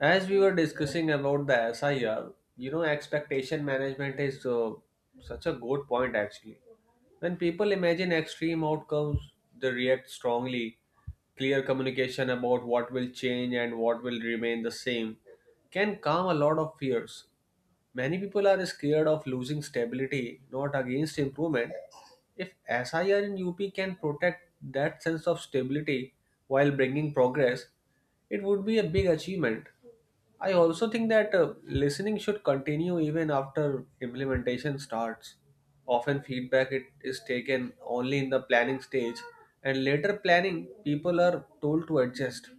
As we were discussing about the SIR, expectation management is such a good point actually. When people imagine extreme outcomes, they react strongly. Clear communication about what will change and what will remain the same can calm a lot of fears. Many people are scared of losing stability, not against improvement. If SIR in UP can protect that sense of stability while bringing progress, it would be a big achievement. I also think that listening should continue even after implementation starts. Often feedback it is taken only in the planning stage and later planning people are told to adjust.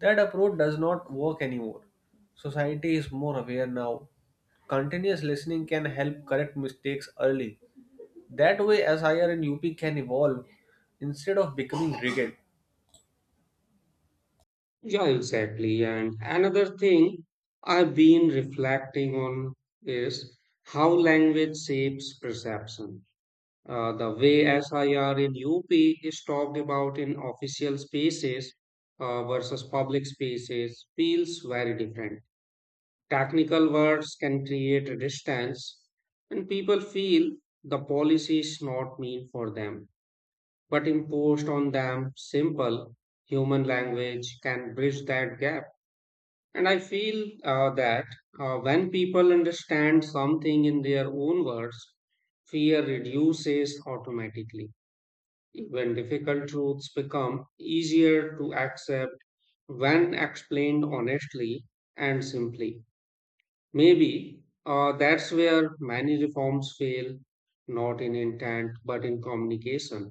That approach does not work anymore. Society is more aware now. Continuous listening can help correct mistakes early. That way SIR and UP can evolve instead of becoming rigid. Yeah, exactly. And another thing I've been reflecting on is how language shapes perception. The way SIR in UP is talked about in official spaces versus public spaces feels very different. Technical words can create a distance, and people feel the policy is not meant for them, but imposed on them. Simple human language can bridge that gap. And I feel that when people understand something in their own words, fear reduces automatically. Even difficult truths become easier to accept when explained honestly and simply. Maybe that's where many reforms fail, not in intent but in communication.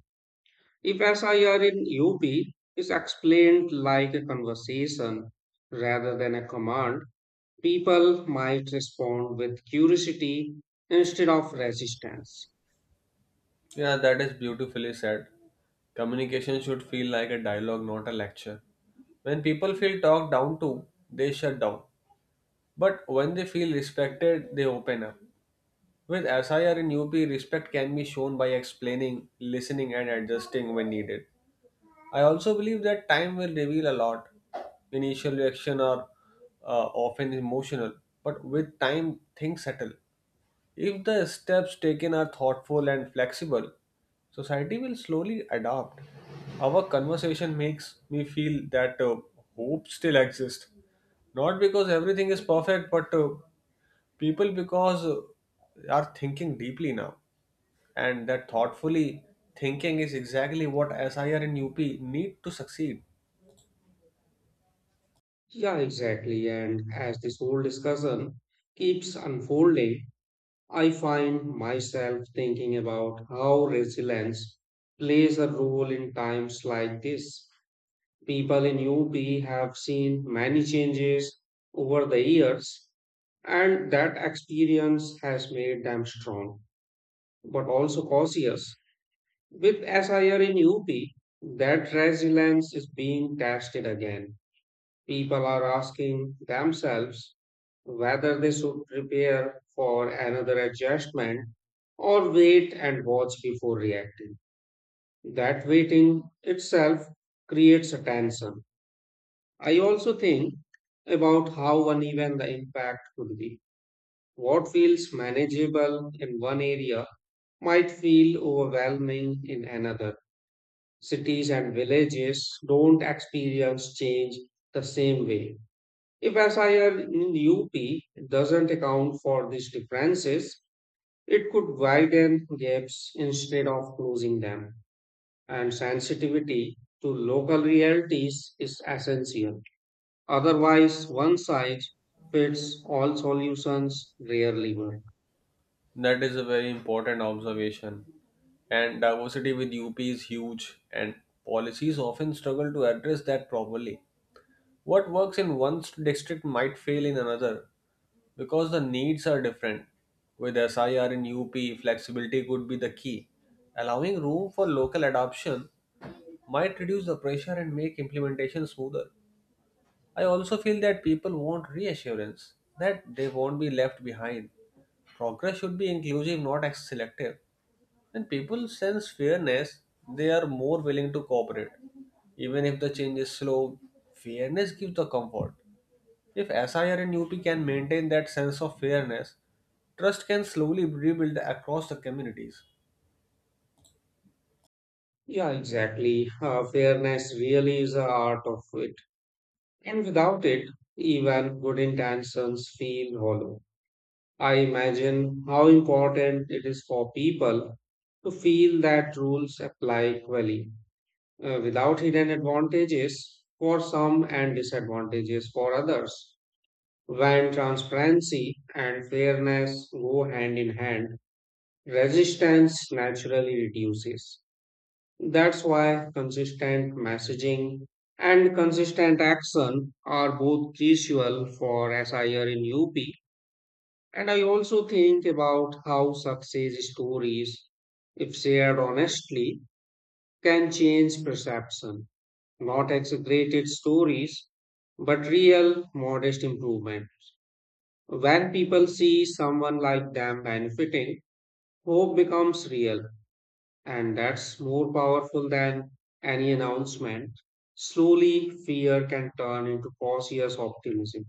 If SIR in UP is explained like a conversation rather than a command, people might respond with curiosity instead of resistance. Yeah, that is beautifully said. Communication should feel like a dialogue, not a lecture. When people feel talked down to, they shut down. But when they feel respected, they open up. With SIR and UP, respect can be shown by explaining, listening, and adjusting when needed. I also believe that time will reveal a lot. Initial reaction are often emotional, but with time, things settle. If the steps taken are thoughtful and flexible, society will slowly adapt. Our conversation makes me feel that hope still exists. Not because everything is perfect, but people because are thinking deeply now. And that thoughtfully thinking is exactly what SIR and UP need to succeed. Yeah, exactly. And as this whole discussion keeps unfolding, I find myself thinking about how resilience plays a role in times like this. People in UP have seen many changes over the years, and that experience has made them strong, but also cautious. With SIR in UP, that resilience is being tested again. People are asking themselves whether they should prepare for another adjustment or wait and watch before reacting. That waiting itself creates a tension. I also think about how uneven the impact could be. What feels manageable in one area might feel overwhelming in another. Cities and villages don't experience change the same way. If SIR in UP doesn't account for these differences, it could widen gaps instead of closing them. And sensitivity to local realities is essential. Otherwise, one size fits all solutions rarely work. That is a very important observation. And diversity with UP is huge, and policies often struggle to address that properly. What works in one district might fail in another because the needs are different. With SIR in UP, flexibility could be the key. Allowing room for local adoption might reduce the pressure and make implementation smoother. I also feel that people want reassurance that they won't be left behind. Progress should be inclusive, not selective. When people sense fairness, they are more willing to cooperate. Even if the change is slow, fairness gives the comfort. If SIR and UP can maintain that sense of fairness, trust can slowly rebuild across the communities. Yeah, exactly. Fairness really is an art of it. And without it, even good intentions feel hollow. I imagine how important it is for people to feel that rules apply equally, without hidden advantages for some and disadvantages for others. When transparency and fairness go hand in hand, resistance naturally reduces. That's why consistent messaging and consistent action are both crucial for SIR in UP. And I also think about how success stories, if shared honestly, can change perception. Not exaggerated stories, but real, modest improvement. When people see someone like them benefiting, hope becomes real, and that's more powerful than any announcement. Slowly, fear can turn into cautious optimism.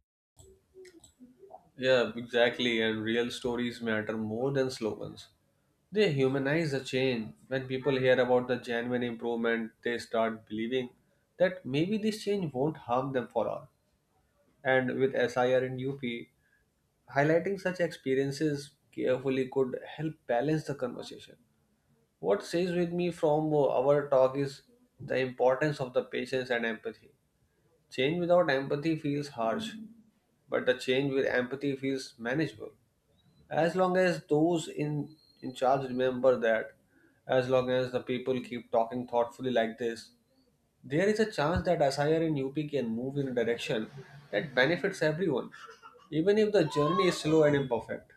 Yeah, exactly. And real stories matter more than slogans. They humanize the change. When people hear about the genuine improvement, they start believing that maybe this change won't harm them for all. And with SIR and UP, highlighting such experiences carefully could help balance the conversation. What stays with me from our talk is the importance of the patience and empathy. Change without empathy feels harsh, but the change with empathy feels manageable. As long as those in charge remember that, as long as the people keep talking thoughtfully like this, there is a chance that SIR in UP can move in a direction that benefits everyone, even if the journey is slow and imperfect.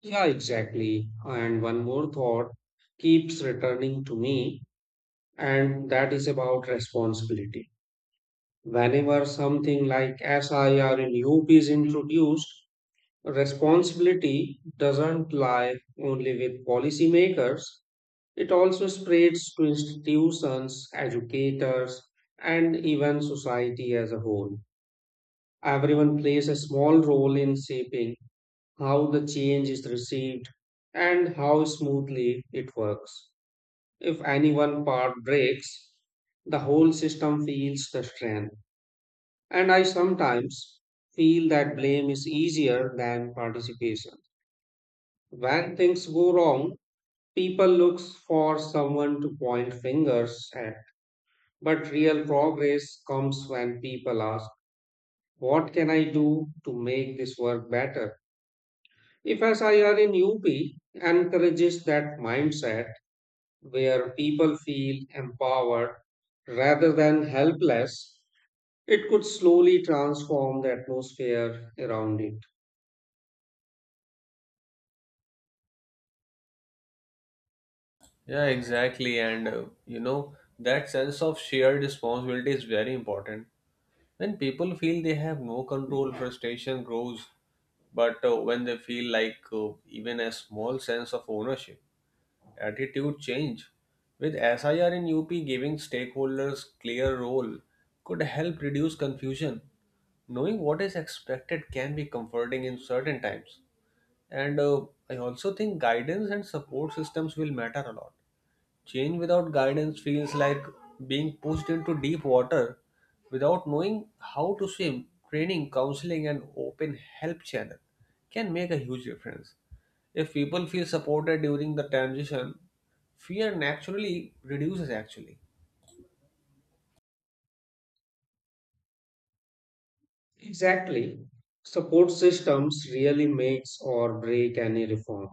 Yeah, exactly. And one more thought keeps returning to me, and that is about responsibility. Whenever something like SIR in UP is introduced, responsibility doesn't lie only with policymakers. It also spreads to institutions, educators, and even society as a whole. Everyone plays a small role in shaping how the change is received and how smoothly it works. If any one part breaks, the whole system feels the strain. And I sometimes feel that blame is easier than participation. When things go wrong, people look for someone to point fingers at. But real progress comes when people ask, what can I do to make this work better? If SIR in UP encourages that mindset where people feel empowered rather than helpless, it could slowly transform the atmosphere around it. Yeah, exactly. And that sense of shared responsibility is very important. When people feel they have no control, frustration grows. But when they feel like even a small sense of ownership, attitude change. With SIR in UP giving stakeholders clear role could help reduce confusion. Knowing what is expected can be comforting in certain times. And I also think guidance and support systems will matter a lot. Change without guidance feels like being pushed into deep water without knowing how to swim. Training, counseling, and open help channel can make a huge difference. If people feel supported during the transition, fear naturally reduces actually. Exactly. Support systems really makes or break any reform.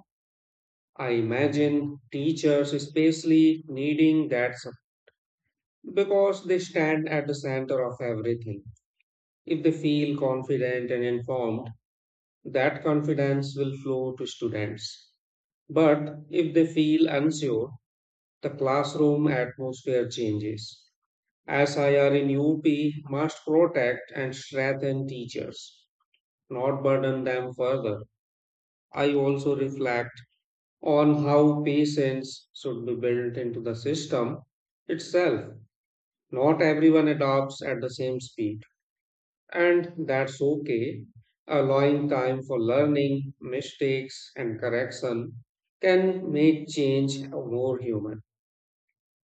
I imagine teachers especially needing that support because they stand at the center of everything. If they feel confident and informed, that confidence will flow to students. But if they feel unsure, the classroom atmosphere changes. SIR in UP must protect and strengthen teachers, not burden them further. I also reflect on how patience should be built into the system itself. Not everyone adopts at the same speed, and that's okay. Allowing time for learning, mistakes, and correction can make change more human.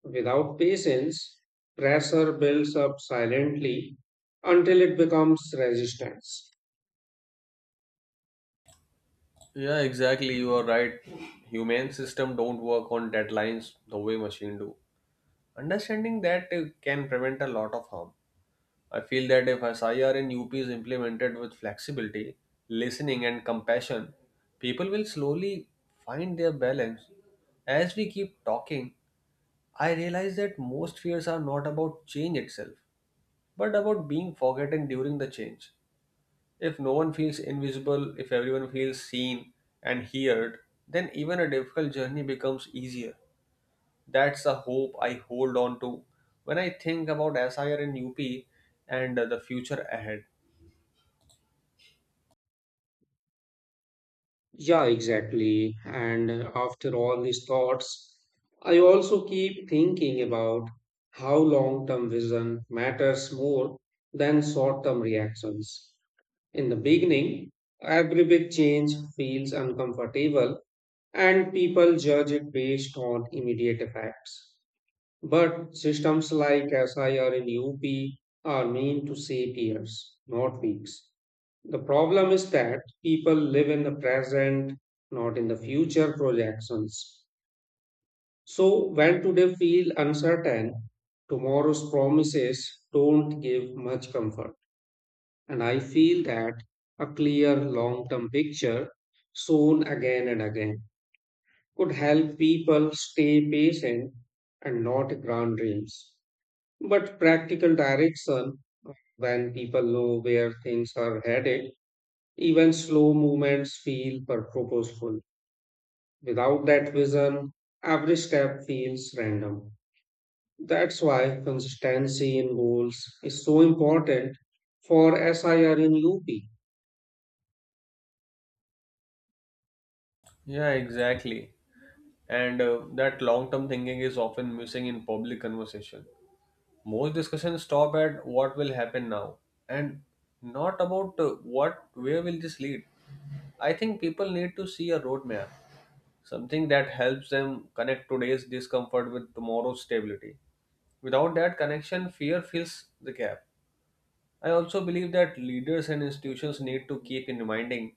Without patience, pressure builds up silently until it becomes resistance. Yeah, exactly. You are right. Human system don't work on deadlines the way machine do. Understanding that can prevent a lot of harm. I feel that if SIR in UP is implemented with flexibility, listening, and compassion, people will slowly find their balance. As we keep talking, I realize that most fears are not about change itself, but about being forgotten during the change. If no one feels invisible, if everyone feels seen and heard, then even a difficult journey becomes easier. That's the hope I hold on to when I think about SIR in UP and the future ahead. Yeah, exactly. And after all these thoughts, I also keep thinking about how long term vision matters more than short term reactions. In the beginning, every big change feels uncomfortable and people judge it based on immediate effects. But systems like SIR and UP are meant to save years, not weeks. The problem is that people live in the present, not in the future projections. So when today feel uncertain, tomorrow's promises don't give much comfort. And I feel that a clear long term picture, shown again and again, could help people stay patient, and not grand dreams, but practical direction. When people know where things are headed, even slow movements feel purposeful. Without that vision, every step feels random. That's why consistency in goals is so important for SIR in UP. Yeah, exactly. And that long term thinking is often missing in public conversation. Most discussions stop at what will happen now and not about what where will this lead. I think people need to see a roadmap, something that helps them connect today's discomfort with tomorrow's stability. Without that connection, fear fills the gap. I also believe that leaders and institutions need to keep in reminding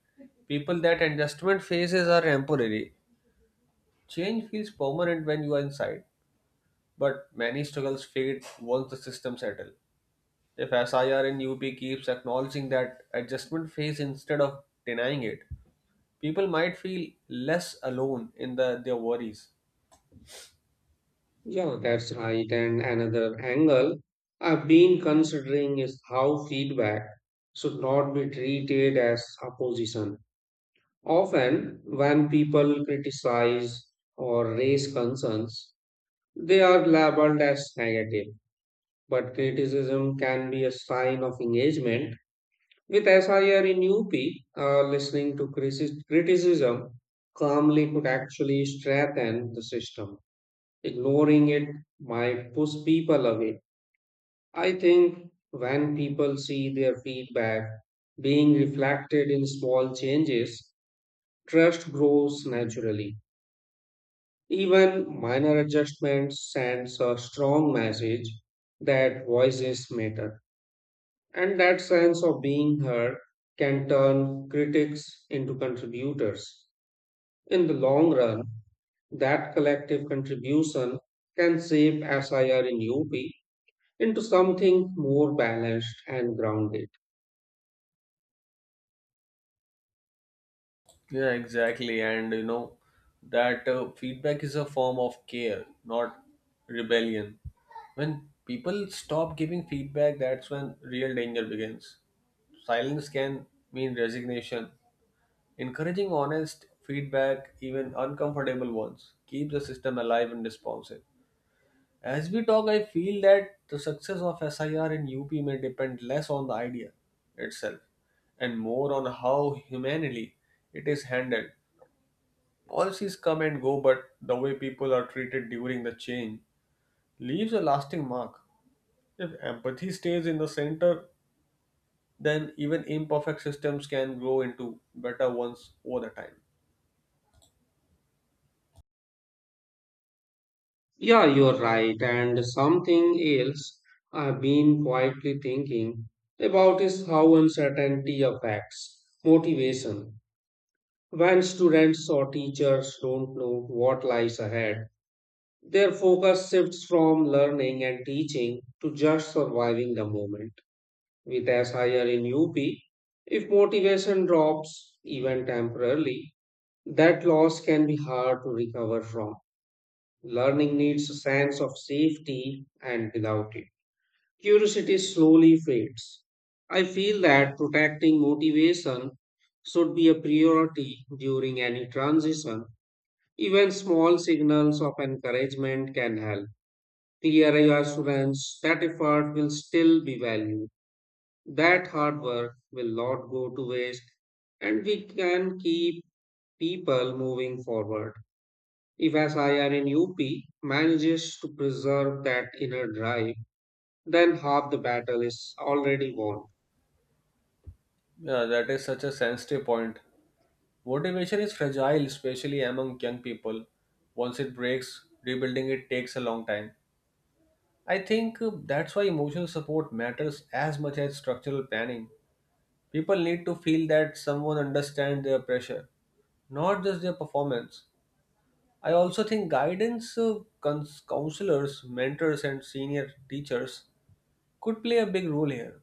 people that adjustment phases are temporary. Change feels permanent when you are inside, but many struggles fade once the system settles. If SIR and UP keeps acknowledging that adjustment phase instead of denying it, people might feel less alone in their worries. Yeah, that's right. And another angle I've been considering is how feedback should not be treated as opposition. Often, when people criticize or raise concerns, they are labeled as negative. But criticism can be a sign of engagement. With SIR in UP, listening to criticism calmly could actually strengthen the system. Ignoring it might push people away. I think when people see their feedback being reflected in small changes, trust grows naturally. Even minor adjustments sends a strong message that voices matter. And that sense of being heard can turn critics into contributors. In the long run, that collective contribution can shape SIR in UP into something more balanced and grounded. Yeah, exactly. And that feedback is a form of care, not rebellion. When people stop giving feedback, that's when real danger begins. Silence can mean resignation. Encouraging honest feedback, even uncomfortable ones, keeps the system alive and responsive. As we talk, I feel that the success of SIR in UP may depend less on the idea itself and more on how humanely it is handled. Policies come and go, but the way people are treated during the change leaves a lasting mark. If empathy stays in the center, then even imperfect systems can grow into better ones over the time. Yeah, you're right. And something else I've been quietly thinking about is how uncertainty affects motivation. When students or teachers don't know what lies ahead, their focus shifts from learning and teaching to just surviving the moment. With as higher in UP, if motivation drops, even temporarily, that loss can be hard to recover from. Learning needs a sense of safety, and without it, curiosity slowly fades. I feel that protecting motivation should be a priority during any transition. Even small signals of encouragement can help. Clear assurance that effort will still be valued, that hard work will not go to waste, and we can keep people moving forward. If SIR in UP manages to preserve that inner drive, then half the battle is already won. Yeah, that is such a sensitive point. Motivation is fragile, especially among young people. Once it breaks, rebuilding it takes a long time. I think that's why emotional support matters as much as structural planning. People need to feel that someone understands their pressure, not just their performance. I also think guidance, counselors, mentors, and senior teachers could play a big role here.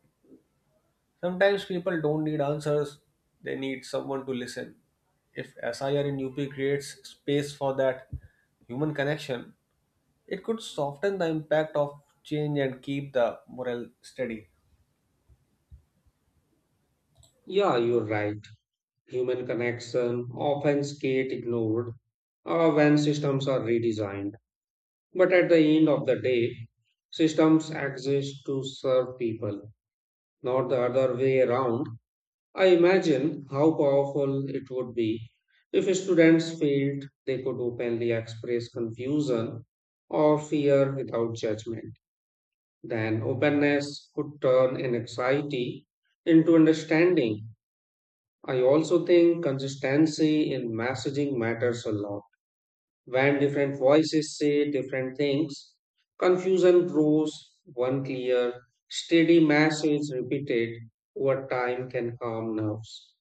Sometimes people don't need answers, they need someone to listen. If SIR in UP creates space for that human connection, it could soften the impact of change and keep the morale steady. Yeah, you're right. Human connection often get ignored when systems are redesigned. But at the end of the day, systems exist to serve people, not the other way around. I imagine how powerful it would be if students felt they could openly express confusion or fear without judgment. Then openness could turn an anxiety into understanding. I also think consistency in messaging matters a lot. When different voices say different things, confusion grows. One clear, steady message repeated over time can calm nerves.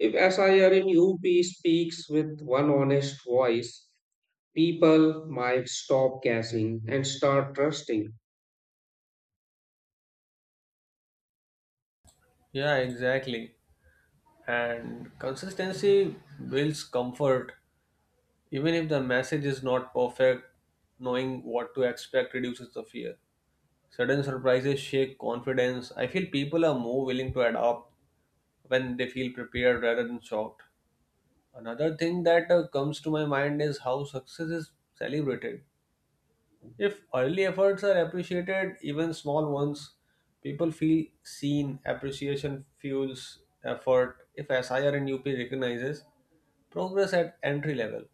If SIR in UP speaks with one honest voice, people might stop guessing and start trusting. Yeah, exactly. And consistency builds comfort. Even if the message is not perfect, knowing what to expect reduces the fear. Sudden surprises shake confidence. I feel people are more willing to adapt when they feel prepared rather than shocked. Another thing that comes to my mind is how success is celebrated. If early efforts are appreciated, even small ones, people feel seen. Appreciation fuels effort. If SIR and UP recognizes progress at entry level,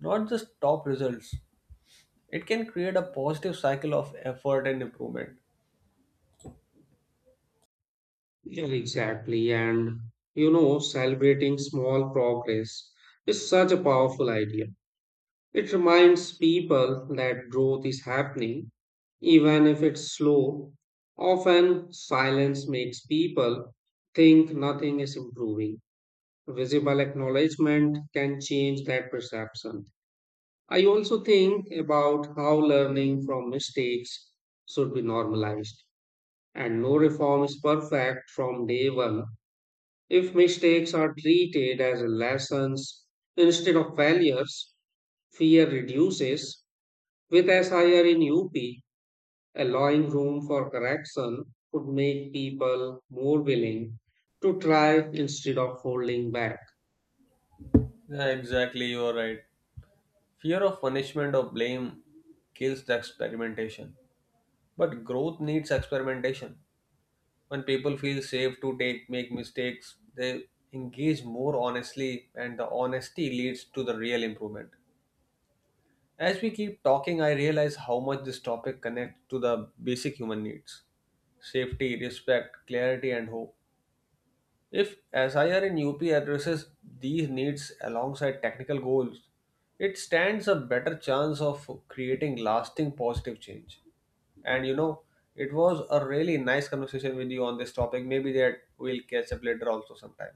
not just top results, it can create a positive cycle of effort and improvement. Yeah, exactly. And you know, celebrating small progress is such a powerful idea. It reminds people that growth is happening, even if it's slow. Often, silence makes people think nothing is improving. Visible acknowledgement can change that perception. I also think about how learning from mistakes should be normalized, and no reform is perfect from day one. If mistakes are treated as lessons instead of failures, fear reduces. With SIR in UP, allowing room for correction could make people more willing to try instead of holding back. Yeah, exactly, you are right. Fear of punishment or blame kills the experimentation. But growth needs experimentation. When people feel safe to take make mistakes, they engage more honestly, and the honesty leads to the real improvement. As we keep talking, I realize how much this topic connects to the basic human needs, safety, respect, clarity, and hope. If SIR in UP addresses these needs alongside technical goals, it stands a better chance of creating lasting positive change. And it was a really nice conversation with you on this topic. Maybe that we'll catch up later also sometime.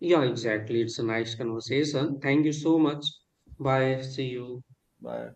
Yeah, exactly. It's a nice conversation. Thank you so much. Bye. See you. Bye.